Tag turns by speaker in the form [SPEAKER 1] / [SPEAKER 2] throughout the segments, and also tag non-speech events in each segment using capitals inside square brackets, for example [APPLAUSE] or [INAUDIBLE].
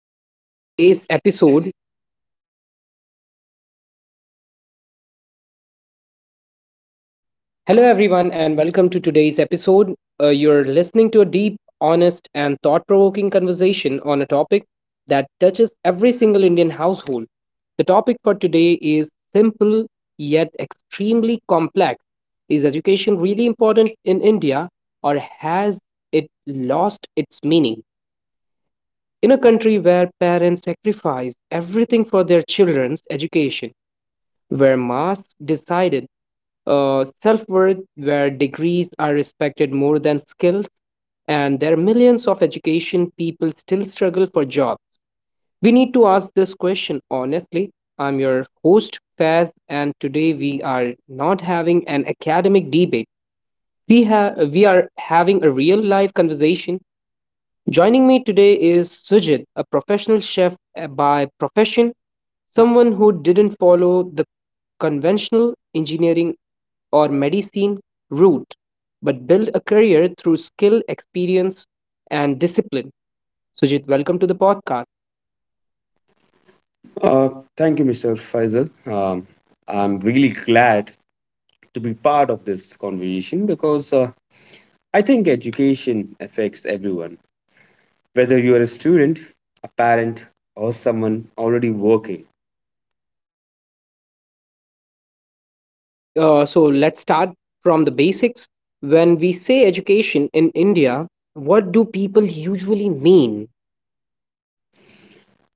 [SPEAKER 1] welcome to today's episode. Hello, everyone, and welcome to today's episode. You're listening to a deep, honest, and thought provoking conversation on a topic that touches every single Indian household. The topic for today is simple yet extremely complex. Is education really important in India, or has it lost its meaning? In a country where parents sacrifice everything for their children's education, where masks decided self worth, where degrees are respected more than skills, and there are millions of education people still struggle for jobs. We need to ask this question honestly. I'm your host Faz, and today we are not having an academic debate. We are having a real life conversation. Joining me today is Sujit, a professional chef by profession, someone who didn't follow the conventional engineering or medicine route, but build a career through skill, experience, and discipline. Sujit, welcome to the podcast.
[SPEAKER 2] Uh, Thank you, Mr. Faisal. I'm really glad to be part of this conversation because I think education affects everyone, whether you're a student, a parent, or someone already working.
[SPEAKER 1] Okay, so let's start from the basics. When we say education in India, what do people usually mean?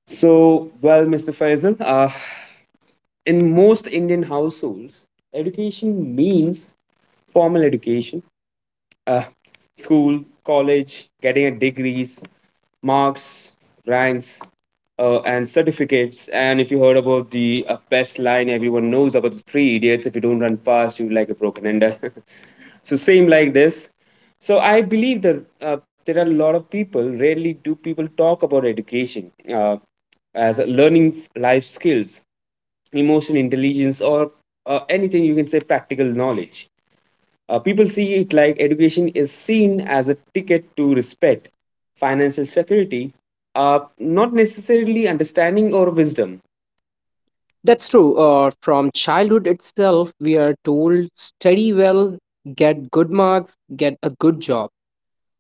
[SPEAKER 2] Mr. Faisal, in most Indian households, education means formal education, uh, school, college, getting a degrees, marks, ranks, and certificates. And if you heard about the best line everyone knows about the three idiots, if you don't run fast, you're like a broken ender. [LAUGHS] So same like this. So I believe that there are a lot of people. Rarely do people talk about education as a learning life skills, emotional intelligence, or anything you can say practical knowledge people see it like education is seen as a ticket to respect, financial security, not necessarily understanding or wisdom.
[SPEAKER 1] That's true. From childhood itself, we are told study well, get good marks, get a good job.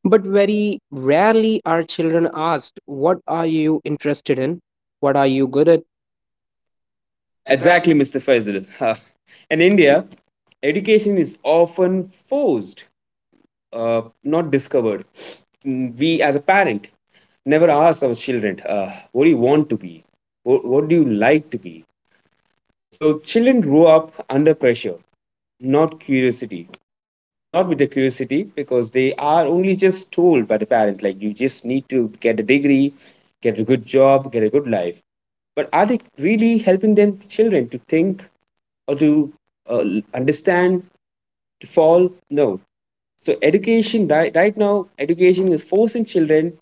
[SPEAKER 1] But very rarely are children asked, what are you interested in? What are you good at?
[SPEAKER 2] Exactly, Mr. Faisal. [LAUGHS] In India, education is often forced, not discovered. We, as a parent, never ask our children, "What do you want to be? What do you like to be?" So children grew up under pressure, not curiosity. Not with the curiosity because they are only just told by the parents, like you just need to get a degree, get a good job, get a good life. But are they really helping them children to think or to uh, understand, to fall? No. So education right now, education is forcing children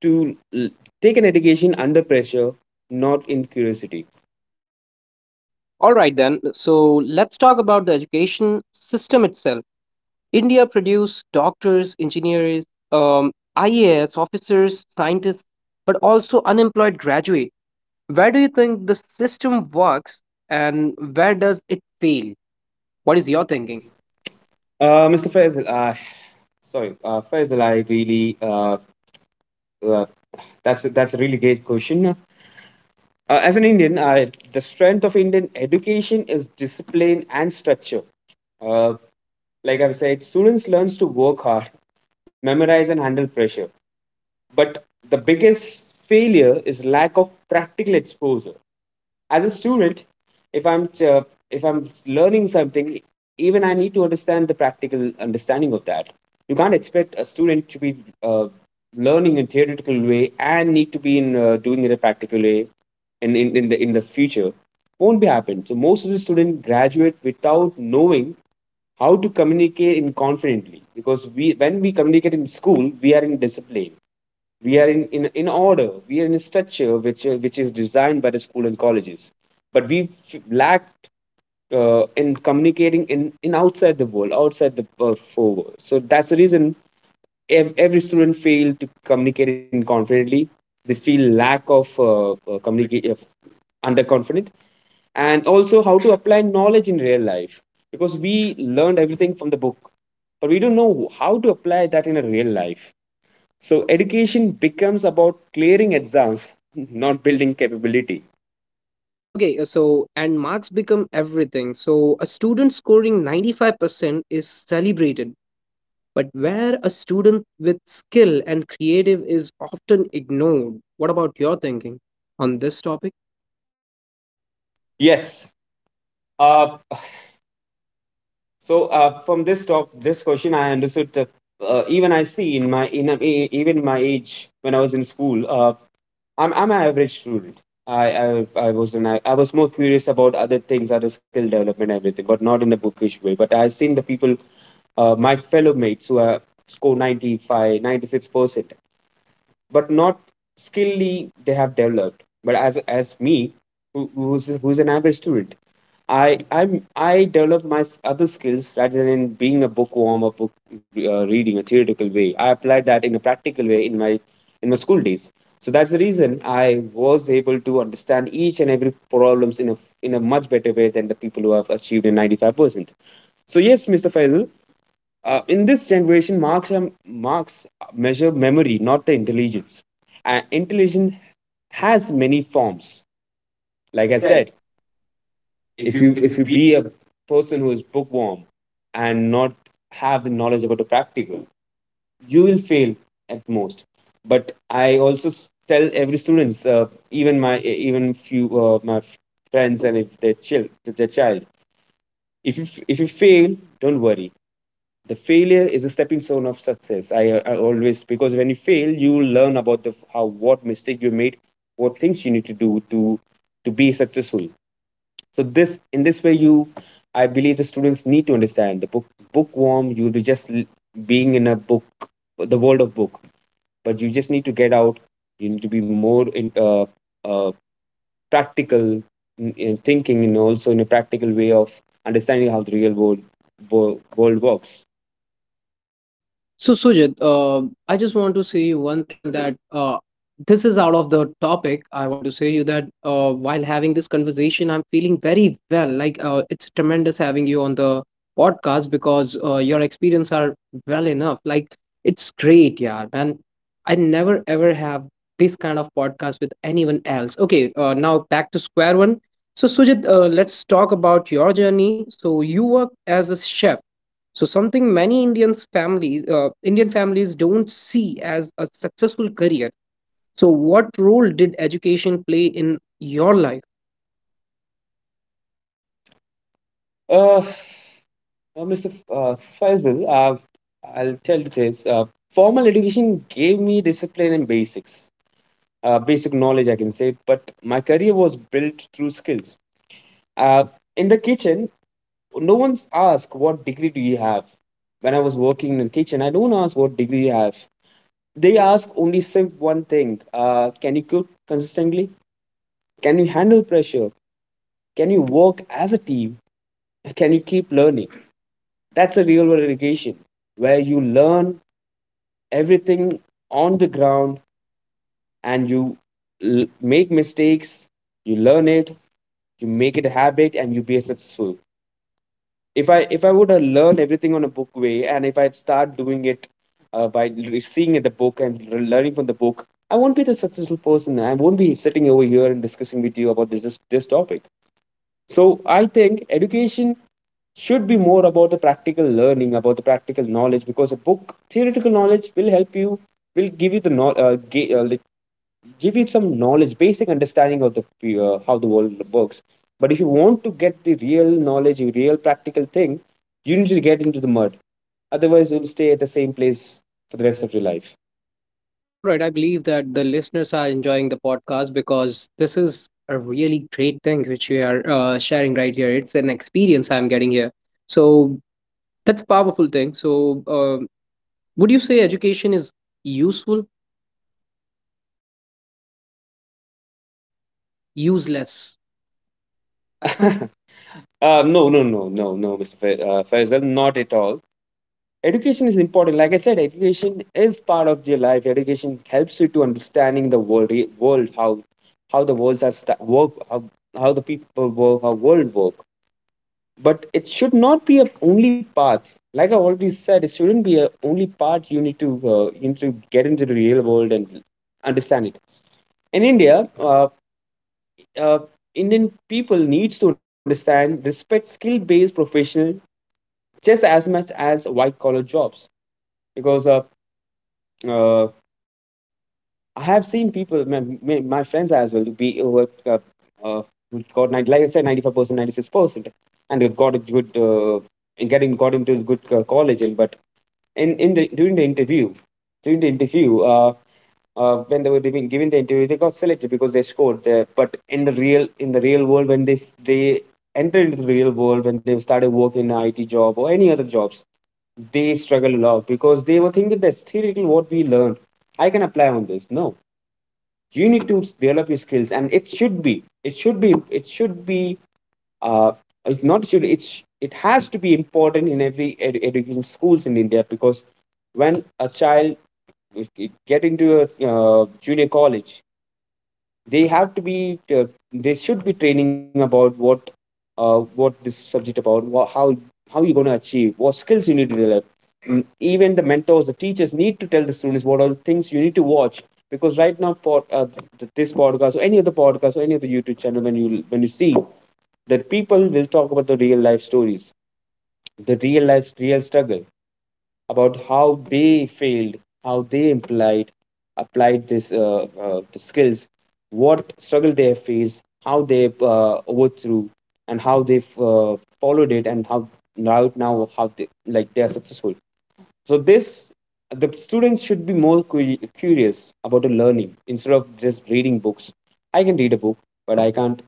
[SPEAKER 2] to l- take an education under pressure, not in curiosity.
[SPEAKER 1] All right, then. So let's talk about the education system itself. India produces doctors, engineers, um, IAS officers, scientists, but also unemployed graduate. Where do you think the system works and where does it fail? What is your thinking?
[SPEAKER 2] Uh, Mr. Faisal, uh, sorry, uh, Faisal, I really, uh, that's a really great question. As an Indian, I the strength of Indian education is discipline and structure. Uh, like I've said, students learns to work hard, memorize and handle pressure. But the biggest failure is lack of practical exposure. As a student, if I'm uh, if I'm learning something, even I need to understand the practical understanding of that. You can't expect a student to be uh, learning in theoretical way and need to be in doing it in a practical way in the future won't be happen. So most of the students graduate without knowing how to communicate in confidently because we when we communicate in school we are in discipline we are in order we are in a structure which is designed by the school and colleges but we lacked in communicating in outside the world outside the four world. So that's the reason every student failed to communicate in confidently they feel lack of communicate of underconfident and also how to apply knowledge in real life because we learned everything from the book but we don't know how to apply that in a real life so education becomes about clearing exams, not building capability.
[SPEAKER 1] Okay, so and marks become everything. So a student scoring 95% is celebrated, but where a student with skill and creative is often ignored. What about your thinking on this topic?
[SPEAKER 2] Yes. Uh, from this talk, this question, I understood that even I see in my even my age when I was in school, I'm an average student. I was more curious about other things, other skill development, everything, but not in a bookish way. But I've seen the people, my fellow mates who score 95, 96%. But not skillly they have developed. But as me, who's an average student, I I develop my other skills rather than being a bookworm or book reading a theoretical way. I applied that in a practical way in my school days. So that's the reason I was able to understand each and every problems in a much better way than the people who have achieved a 95%. So yes, Mr. Faisal, in this generation, marks measure memory, not the intelligence. And intelligence has many forms.
[SPEAKER 1] Like
[SPEAKER 2] Like
[SPEAKER 1] I
[SPEAKER 2] I
[SPEAKER 1] said,
[SPEAKER 2] said, if you
[SPEAKER 1] if
[SPEAKER 2] if
[SPEAKER 1] you
[SPEAKER 2] you be a person who is bookworm and not have the knowledge about the practical, you will fail at most. But I also tell every students, even my even few my friends, and if they chill, their child, if you if you fail, don't worry. The failure is a stepping stone of success. I always because when you fail you learn about the how what mistake you made what things you need to do to be successful so this in this way you I believe the students need to understand the book bookworm you'll be just being in a book the world of book but you just need to get out you need to be more in uh, practical in thinking and also in a practical way of understanding how the real world world works.
[SPEAKER 1] So, Sujit, I just want to say you one thing that this is out of the topic. I want to say you that while having this conversation, I'm feeling very well. Like it's tremendous having you on the podcast because your experience are well enough. Like it's great, yeah. And I never ever have this kind of podcast with anyone else. Okay, now back to square one. So, Sujit, let's talk about your journey. So, you work as a chef so something many Indians families, Indian families don't see as a successful career. So what role did education play in your life?
[SPEAKER 2] uh, Uh, Mr. F- Uh, Faisal, I'll tell you this. Formal education gave me discipline and basics, basic knowledge, I can say, but my career was built through skills. Uh, in the kitchen, no one's asked, "What degree do you have?" When I was working in the kitchen, I don't ask what degree you have. They ask only simple one thing. Can you cook consistently? Can you handle pressure? Can you work as a team? Can you keep learning? That's a real world education where you learn everything on the ground and make mistakes, you learn it, you make it a habit and you be successful. If I would have learned everything on a book way and if I start doing it by seeing the book and learning from the book, I won't be the successful person. I won't be sitting over here and discussing with you about this topic. So I think education should be more about the practical learning, about the practical knowledge, because a book, theoretical knowledge will help you, will give you the give you some knowledge, basic understanding of the how the world works. But if you want to get the real knowledge, the real practical thing, you need to get into the mud. Otherwise, you'll stay at the same place for the rest of your life.
[SPEAKER 1] All right, I believe that the listeners are enjoying the podcast because this is a really great thing which we are sharing right here. It's an experience I'm getting here. So that's a powerful thing. So, would you say education is useful, useless? [LAUGHS]
[SPEAKER 2] [LAUGHS] uh, no, no, no, no, no, Faisal, not at all. Education is important. Like I said, education is part of your life. Education helps you to understanding the world world how the worlds are sta work how the people work how world work but it should not be a only path like I already said it shouldn't be a only part you need to get into the real world and understand it in India uh, uh, Indian people needs to understand respect skill based professional just as much as white collar jobs because uh, I have seen people, my friends as well, be uh, who got 90, like I said, 95%, 96%, and they got a good, getting got into a good college. And but in the during the interview, during the interview, uh, when they were giving the interview, they got selected because they scored there. But in the real world, when they entered into the real world, when they started working in IT job or any other jobs, they struggle a lot because they were thinking that's theoretically what we learned. I can apply on this. No, you need to develop your skills, and it should be, uh, it's not should it's it has to be important in every education schools in India because when a child get into a junior college, they have to be they should be training about what this subject about what, how you're going to achieve what skills you need to develop. Even the mentors the teachers need to tell the students what are the things you need to watch because right now this podcast or any other podcast or any other YouTube channel when you see that people will talk about the real life stories the real life real struggle about how they failed, how they implied, applied this the skills, what struggle they have faced, how they overthrew, and how they followed it, and how now how they like they are successful. So this the students should be more curious about the learning instead of just reading books. I can read a book, but I can't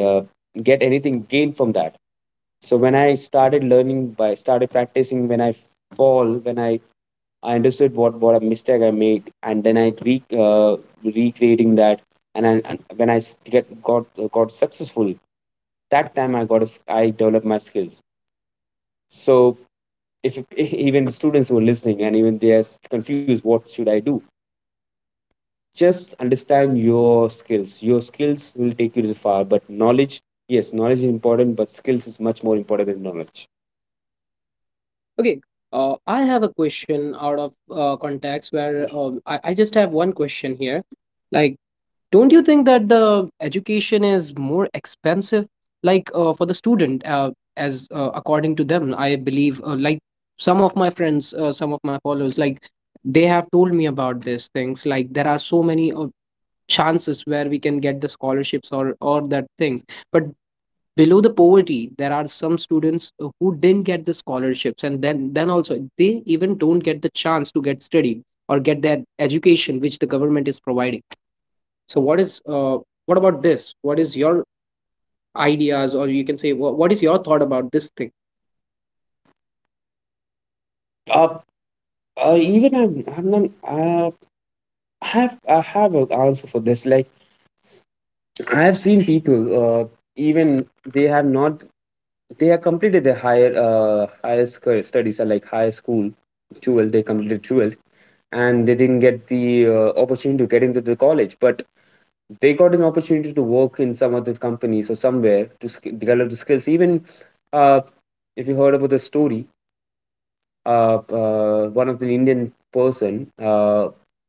[SPEAKER 2] uh, get anything gained from that. So when I started learning by started practicing, when I fall, when I understood what a mistake I made, and then I re recreating that, and when I s- get got successful, that time I got a s I developed my skills. So if [LAUGHS] even students who are listening and even they're confused, what should I do? Just understand your skills. Your skills will take you to the far, but knowledge, yes, knowledge is important, but skills is much more important than knowledge.
[SPEAKER 1] Okay, I have a question out of context where I just have one question here. Like, don't you think that the education is more expensive, like for the student, as according to them? I believe, like some of my friends, some of my followers, like they have told me about these things. Like, there are so many chances where we can get the scholarships or that things, but below the poverty there are some students who didn't get the scholarships and then also they even don't get the chance to get study or get that education which the government is providing. So what is your ideas, or you can say what is your thought about this thing?
[SPEAKER 2] Uh, even I'm not, I have an answer for this. Like I have seen people, even they have not, they have completed their higher studies, are like higher school, 12th, they completed 12th, and they didn't get the opportunity to get into the college. But they got an opportunity to work in some other companies or somewhere to develop the skills. Even uh, if you heard about the story, one of the Indian person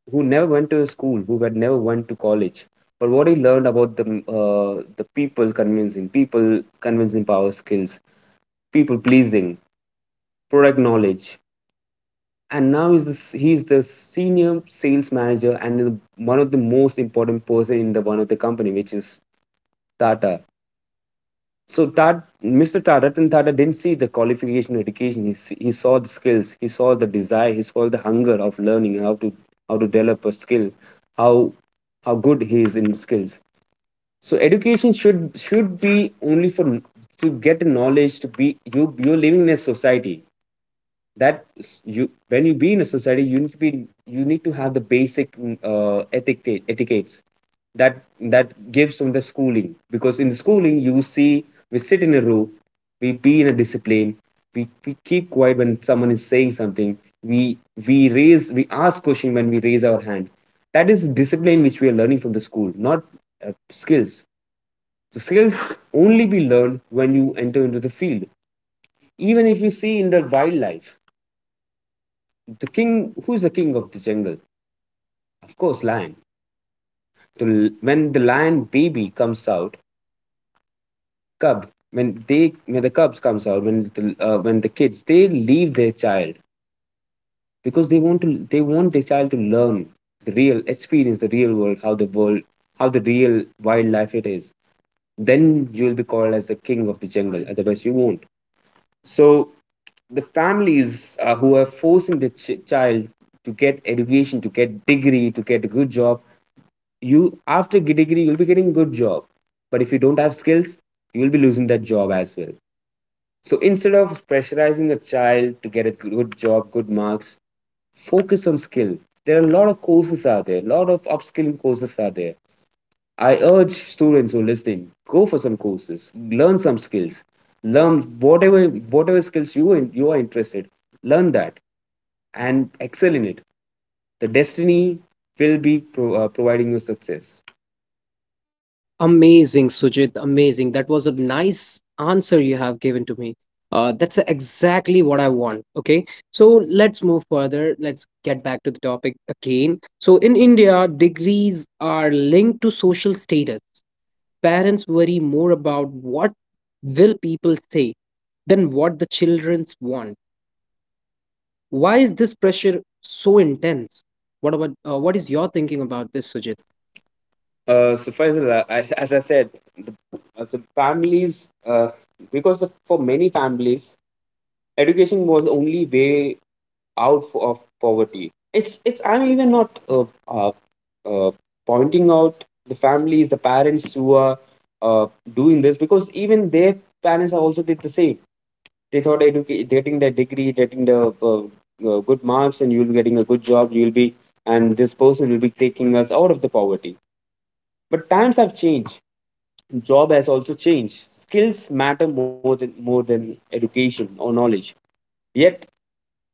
[SPEAKER 2] who never went to school, who had never went to college, but what he learned about the people convincing power skills, people pleasing, product knowledge, and now he's he's the senior sales manager and the one of the most important person in the one of the company, which is Tata. So that Mr. Tata, Ratan Tata, didn't see the qualification education. He, he saw the skills. He saw the desire. He saw the hunger of learning how to develop a skill, how how good he is in skills. So education should be only for to get knowledge, to be, you you're living in a society that, you when you be in a society you need to be, you need to have the basic etiquettes, that gives from the schooling, because in the schooling you see we sit in a row, we be in a discipline, we keep quiet when someone is saying something, we we raise, we ask question when we raise our hand. That is discipline which we are learning from the school, not skills. The skills only be learned when you enter into the field. Even if you see in the wildlife, the king, who's the king of the jungle? Of course, lion. The, when the lion baby comes out, cub. When they, when the cubs comes out, when the kids, they leave their child because they want to, they want their child to learn the real experience, the real world, how the real wildlife it is. Then you'll be called as the king of the jungle. Otherwise, you won't. So the families who are forcing the child to get education, to get degree, to get a good job, you after get degree you'll be getting good job, but if you don't have skills you'll be losing that job as well. So instead of pressurizing a child to get a good job, good marks, focus on skill. There are a lot of courses out there, a lot of upskilling courses are there. I urge students who are listening, go for some courses, learn some skills, learn whatever, whatever skills you are interested, learn that and excel in it. The destiny will be providing you success.
[SPEAKER 1] Amazing, Sujit. Amazing. That was a nice answer you have given to me. That's exactly what I want. Okay. So let's move further. Let's get back to the topic again. So in India, degrees are linked to social status. Parents worry more about what will people say than what the children's want. Why is this pressure so intense? What about what is your thinking about this, Sujit?
[SPEAKER 2] So Faisal, I, as I said, the, the families, because of, for many families, education was the only way out of poverty. It's, it's. I'm even not uh, pointing out the families, the parents who are uh, doing this, because even their parents are also did the same. They thought getting the degree, getting the good marks, and you'll be getting a good job. You'll be, and this person will be taking us out of the poverty. But times have changed, job has also changed. Skills matter more than education or knowledge. Yet,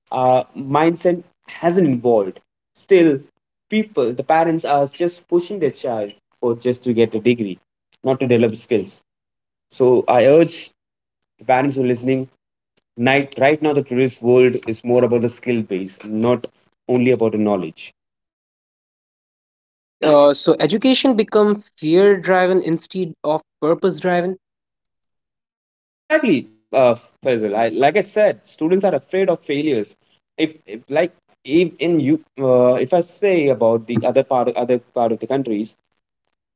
[SPEAKER 2] mindset hasn't evolved. Still, people, the parents are just pushing their child for just to get a degree, not to develop skills. So I urge the parents who are listening. Night, right now, the today's world is more about the skill base, not only about the knowledge.
[SPEAKER 1] Okay, so education become fear driven instead of purpose driven.
[SPEAKER 2] Exactly, Faisal. I, like I said, students are afraid of failures. If like if in you, if I say about the other part of the countries,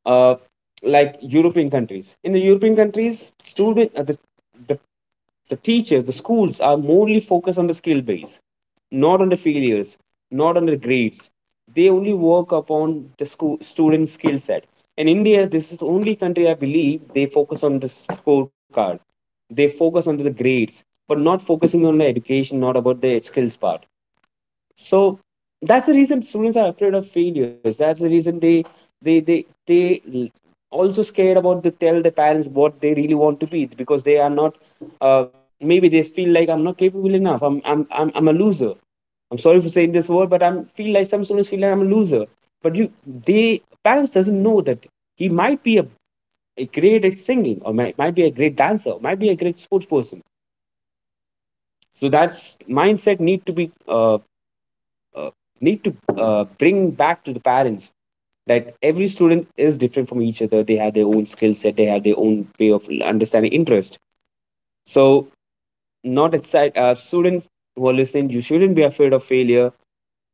[SPEAKER 2] uh, like European countries. In the European countries, student the the teachers, the schools are mainly focused on the skill base, not on the failures, not on the grades. They only work upon the school student skill set. In India, this is the only country I believe they focus on the scorecard. They focus on the grades, but not focusing on the education, not about the skills part. So that's the reason students are afraid of failures. That's the reason they they they they l- also scared about to tell their parents what they really want to be, because they are not uh, maybe they feel like I'm not capable enough. I'm a loser. I'm sorry for saying this word, but I am feel like some students feel like I'm a loser. But you, they parents doesn't know that he might be a great at singing, or might be a great dancer, might be a great sports person. So that's mindset need to be uh, need to bring back to the parents that every student is different from each other, they have their own skill set, they have their own way of understanding, interest. So not excited students who are listening, you shouldn't be afraid of failure,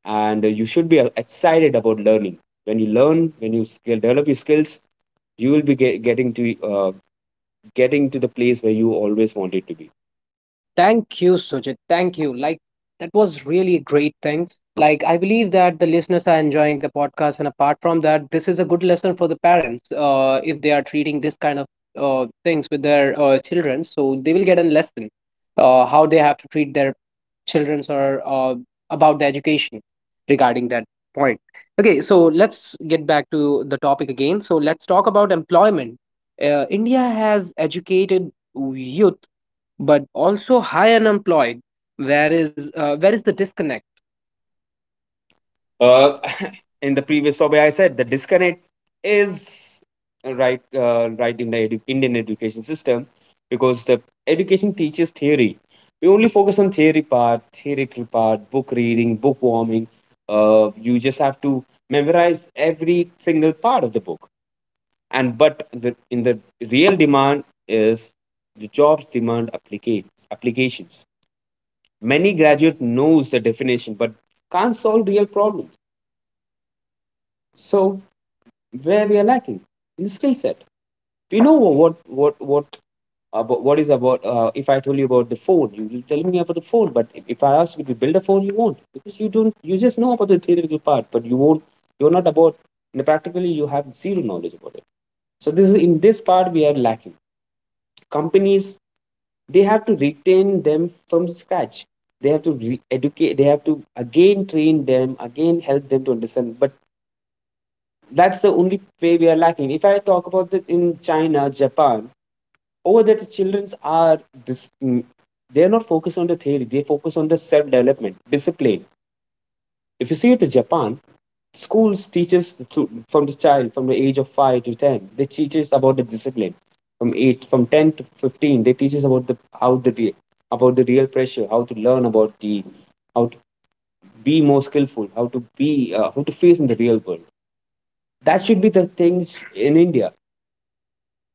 [SPEAKER 2] and you should be excited about learning. When you learn, when you skill, develop your skills, you will be getting to getting to the place where you always wanted to be.
[SPEAKER 1] Thank you, Sujit. Thank you. Like, that was really a great thing. Like, I believe that the listeners are enjoying the podcast. And apart from that, this is a good lesson for the parents if they are treating this kind of things with their children. So they will get a lesson how they have to treat their children or about the education regarding that point. Okay, so let's get back to the topic again. So let's talk about employment. India has educated youth but also high unemployed. Where is the disconnect?
[SPEAKER 2] uh,
[SPEAKER 1] Uh,
[SPEAKER 2] [LAUGHS] in the previous topic I said the disconnect is right in the Indian education system, because the education teaches theory. We only focus on theory part, theoretical part, book reading, book warming. You just have to memorize every single part of the book. And but the, in the real demand is the jobs demand applications, applications. Many graduate knows the definition, but can't solve real problems. So where we are lacking in the skill set. We know what about, what is about. If I told you about the phone, you will tell me about the phone. But if I ask you to build a phone, you won't, because you don't. You just know about the theoretical part, but you won't. You're not about. And practically, you have zero knowledge about it. So this is in this part we are lacking. Companies, they have to retain them from scratch. They have to educate. They have to again train them, again help them to understand. But that's the only way we are lacking. If I talk about that in China, Japan, over there the childrens are dis- mm, they are not focused on the theory. They focus on the self development, discipline. If you see it in Japan, schools teaches the from the child from the age of 5 to 10. They teaches about the discipline. From age from 10 to 15, they teaches about the about the real pressure, how to learn about the how to be more skillful, how to be how to face in the real world. That should be the things in India.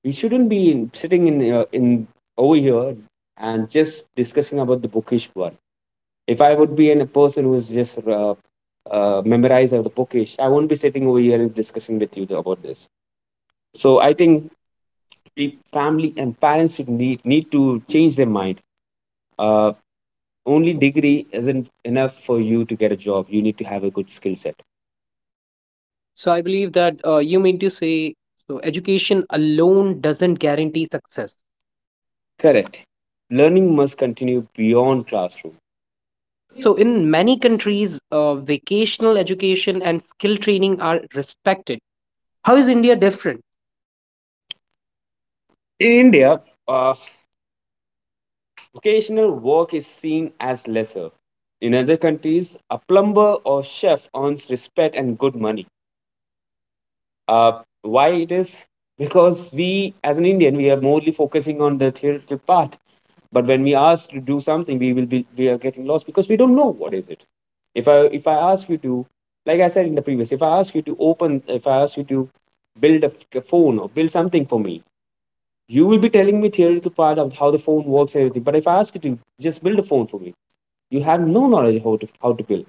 [SPEAKER 2] We shouldn't be in, sitting in over here and just discussing about the bookish one. If I would be in a person who's just memorized of the bookish, I won't be sitting over here and discussing with you about this. So I think family and parents should need to change their mind. Uh, only degree isn't enough for you to get a job. You need to have a good skill set.
[SPEAKER 1] so I believe that you mean to say so education alone doesn't guarantee success.
[SPEAKER 2] Correct. Learning must continue beyond classroom.
[SPEAKER 1] Okay, so in many countries, vocational education and skill training are respected. How is India different?
[SPEAKER 2] In India, uh, vocational work is seen as lesser. In other countries, a plumber or chef earns respect and good money. Uh, why it is? Because we, as an Indian, we are mostly focusing on the theoretical part. But when we ask to do something, we will be we are getting lost because we don't know what is it. If I ask you to, like I said in the previous, if I ask you to open, if I ask you to build a phone or build something for me, you will be telling me theoretical part of how the phone works and everything. But if I ask you to just build a phone for me, you have no knowledge how to build.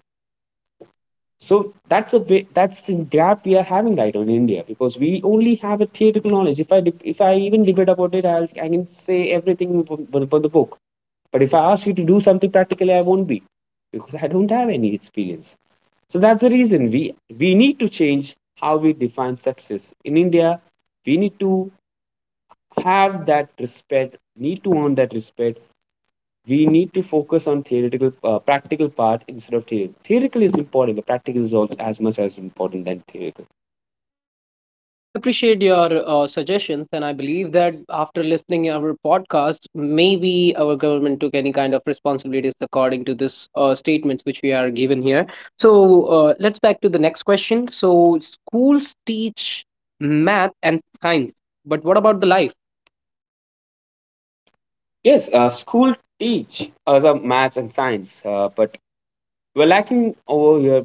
[SPEAKER 2] So that's a bit, that's the gap we are having right now in India, because we only have a theoretical knowledge. If I even debate about it, I'll, I can say everything from the book. But if I ask you to do something practically, I won't be, because I don't have any experience. So that's the reason we need to change how we define success in India. We need to have that respect, need to earn that respect, we need to focus on theoretical practical part instead of theory Theoretical is important, but practical is also as much as important than theoretical.
[SPEAKER 1] I appreciate your suggestions, and I believe that after listening our podcast, maybe our government took any kind of responsibilities according to this statements which we are given here. So let's back to the next question. So schools teach math and science, but what about the life?
[SPEAKER 2] Yes, school teach us maths and science, but we're lacking over here.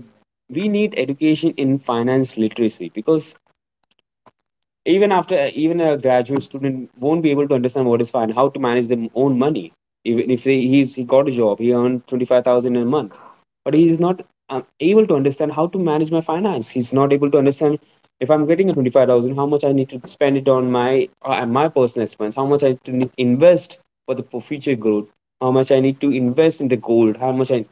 [SPEAKER 2] We need education in finance literacy, because even a graduate student won't be able to understand what is fine, how to manage their own money. Even if they, he's he got a job, he earned 25,000 a month, but he is not able to understand how to manage my finance. He's not able to understand, if I'm getting a 25,000, how much I need to spend it on my personal expense, how much I need to invest for future growth, how much I need to invest in the gold, how much I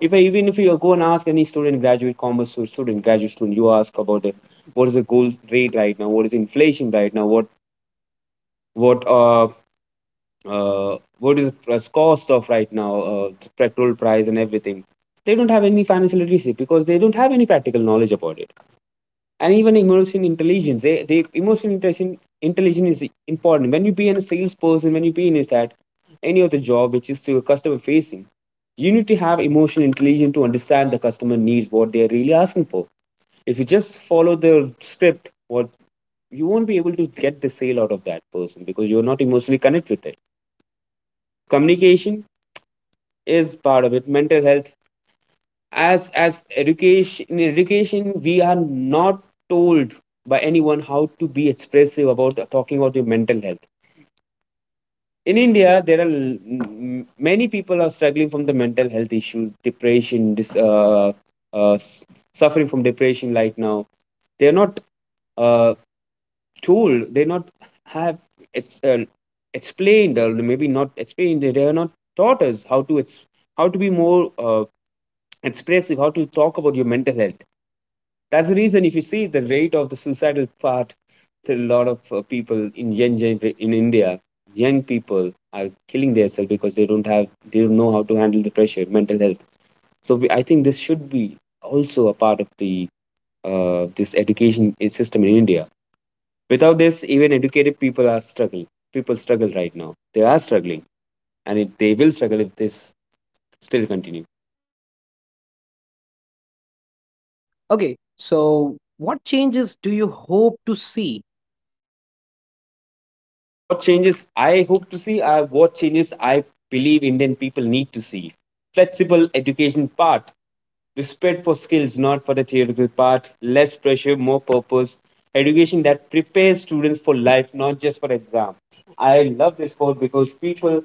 [SPEAKER 2] if I, even if you go and ask any student, graduate commerce student, graduate student, you ask about the what is the gold rate right now, what is inflation right now, what uh, what is the cost of right now, the petrol price and everything. They don't have any financial literacy because they don't have any practical knowledge about it. And even emotional intelligence, they emotional intelligence is important when you be in a salesperson, when you be in that any of the job which is to customer facing. You need to have emotional intelligence to understand the customer needs, what they are really asking for. If you just follow the script, what you won't be able to get the sale out of that person, because you're not emotionally connected with it. Communication is part of it. Mental health, as education in education we are not told by anyone how to be expressive about talking about your mental health. In India there are many people are struggling from the mental health issue, depression, uh, suffering from depression right now. They're not, uh, told, they not have, it's explained or maybe not explained, they are not taught us how to how to be more expressive, how to talk about your mental health. That's the reason if you see the rate of the suicidal part, there are a lot of people in in India, young people are killing themselves because they don't know how to handle the pressure, mental health. So I think this should be also a part of the this education system in India. Without this, even educated people are struggling. People struggle right now. They are struggling, and they will struggle if this still continue.
[SPEAKER 1] Okay, so what changes do you hope to see?
[SPEAKER 2] What changes I hope to see are what changes I believe Indian people need to see. Flexible education part, respect for skills, not for the theoretical part. Less pressure, more purpose. Education that prepares students for life, not just for exams. I love this quote because people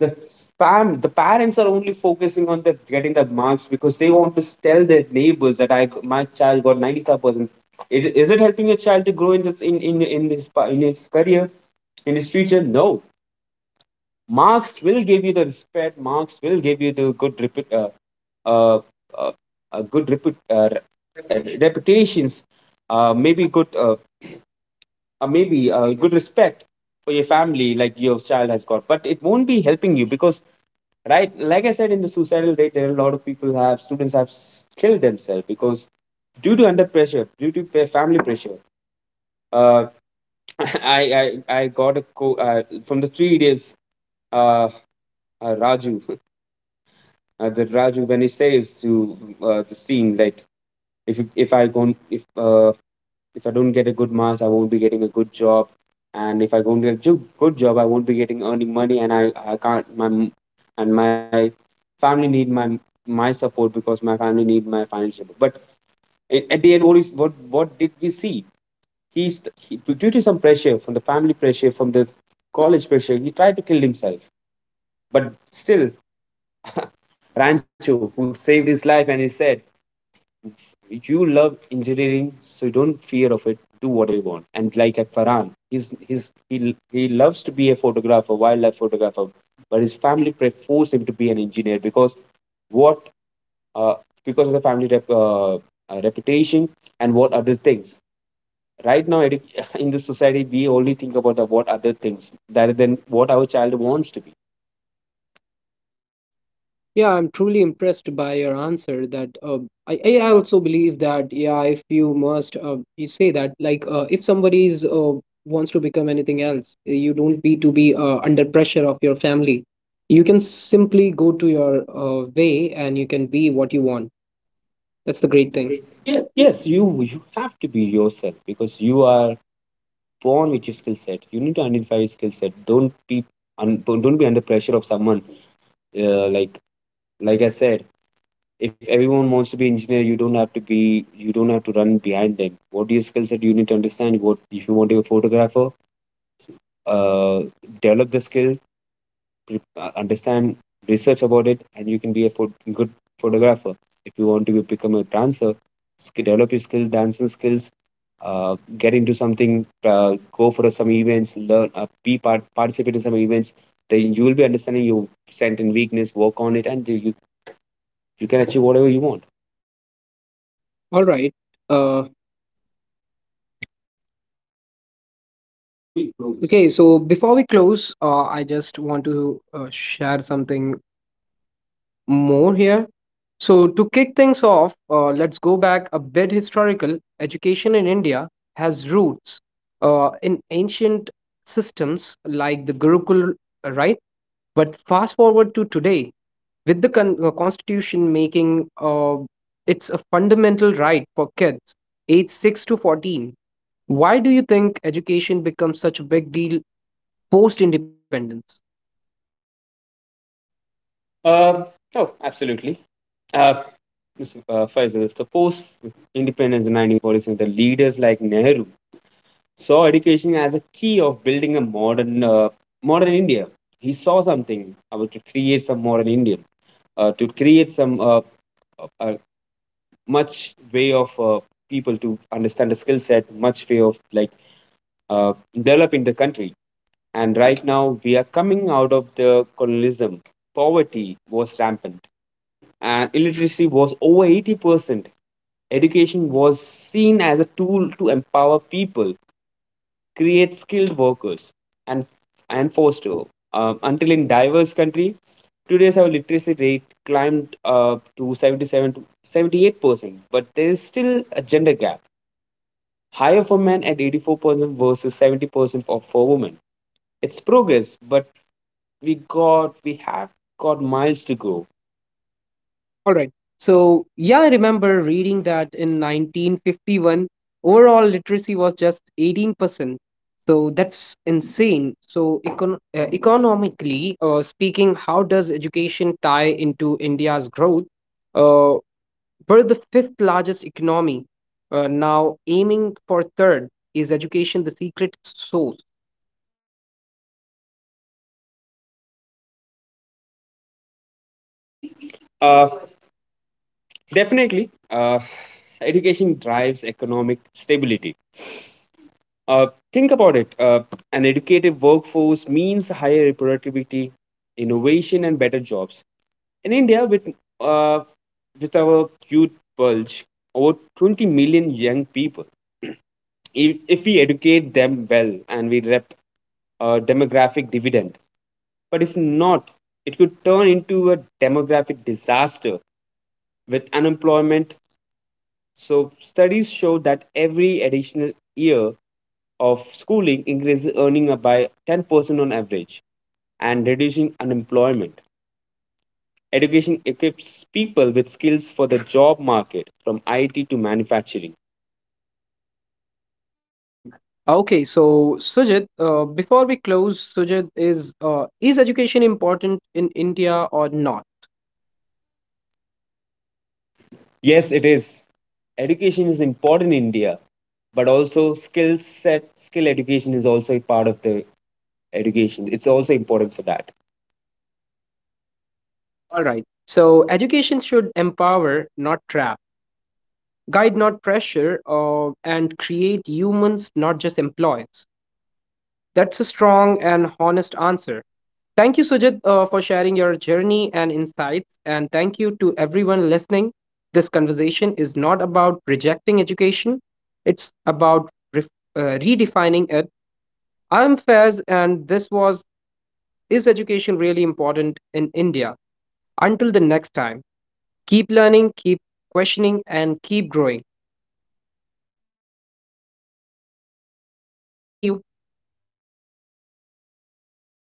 [SPEAKER 2] the spam the parents are only focusing on the getting the marks because they want to tell their neighbors that I my child got 95%. Is it helping your child to grow in this in his career, in his future? No. Marks will give you the respect. Marks will give you the uh, uh, good repu re- reputations. Maybe good respect for your family, like your child has got, but it won't be helping you. Because right, like I said, in the suicidal rate, there are a lot of people have students have killed themselves because due to under pressure, due to family pressure. uh, [LAUGHS] I got a from the 3 days uh, Raju, [LAUGHS] the Raju, when he says to the scene, like, if you- if I go if if I don't get a good marks, I won't be getting a good job, and if I don't get a good job, I won't be getting earning money, and I can't my and my family need my support, because my family need my financial support. But at the end, what is what did we see? He's he, Due to some pressure from the family pressure, from the college pressure, he tried to kill himself. But still, [LAUGHS] Rancho, who saved his life, and he said, you love engineering, so you don't fear of it. Do what you want. And like at Farhan, he loves to be a photographer, wildlife photographer, but his family forced him to be an engineer, because what, uh because of the family reputation and what other things. Right now, [LAUGHS] in the society, we only think about the what other things rather than what our child wants to be.
[SPEAKER 1] Yeah, I'm truly impressed by your answer. That I also believe that yeah, if you must, you say that like if somebody is wants to become anything else, you don't need to be under pressure of your family. You can simply go to your way, and you can be what you want. That's the great thing. Yeah.
[SPEAKER 2] Yes, you have to be yourself, because you are born with your skill set. You need to identify your skill set. Don't be don't be under pressure of someone. Uh, like like I said, if everyone wants to be engineer, you don't have to run behind them. What your skill set? You need to understand what, if you want to be a photographer, Uh, develop the skill, understand, research about it, and you can be a good photographer. If you want to become a dancer, develop your skill, dancing skills, get into something, go for some events, learn, be part, participate in some events, then you will be understanding your strength and weakness, work on it, and you can achieve whatever you want.
[SPEAKER 1] All right. Uh, Okay, so before we close, I just want to share something more here. So, to kick things off, let's go back a bit historical. Education in India has roots in ancient systems like the Gurukul, right? But fast forward to today, with the constitution making it's a fundamental right for kids aged 6 to 14. Why do you think education becomes such a big deal post independence?
[SPEAKER 2] Uh, oh, absolutely. Uh, Mr. Faisal, suppose independence in 1947, the leaders like Nehru saw education as a key of building a modern India. He saw something about to create some modern India, to create some uh, much way of people to understand the skill set, much way of like uh, developing the country. And right now, we are coming out of the colonialism. Poverty was rampant, and illiteracy was over 80%. Education was seen as a tool to empower people, create skilled workers, and and foster hope. Until in diverse country, today's our literacy rate climbed to 77 to 78%, but there is still a gender gap, higher for men at 84% versus 70% for women. It's progress, but we have got miles to go.
[SPEAKER 1] All right. So, yeah, I remember reading that in 1951, overall literacy was just 18%. So, that's insane. So, economically speaking, how does education tie into India's growth? Uh, we're the fifth largest economy, now aiming for third. Is education the secret sauce?
[SPEAKER 2] Uh, Definitely, education drives economic stability. Uh, think about it. An educated workforce means higher productivity, innovation, and better jobs. In India, uh, with our youth bulge, over 20 million young people. If we educate them well, and we rep, demographic dividend. But if not, it could turn into a demographic disaster with unemployment. So, studies show that every additional year of schooling increases earning by 10% on average, and reducing unemployment. Education equips people with skills for the job market, from IT to manufacturing.
[SPEAKER 1] अभी and Okay, so Sujit, before we close, Sujit uh, is education important in India or not?
[SPEAKER 2] Yes, it is. Education is important in India, but also skill set, skill education is also a part of the education. It's also important for that.
[SPEAKER 1] All right. So education should empower, not trap, guide, not pressure, uh, and create humans, not just employees. That's a strong and honest answer. Thank you, Sujit, for sharing your journey and insights, and thank you to everyone listening. This conversation is not about rejecting education; it's about ref- redefining it. I'm Faiz, and this was Is Education Really Important in India? Until the next time, keep learning, keep questioning, and keep growing. Thank you.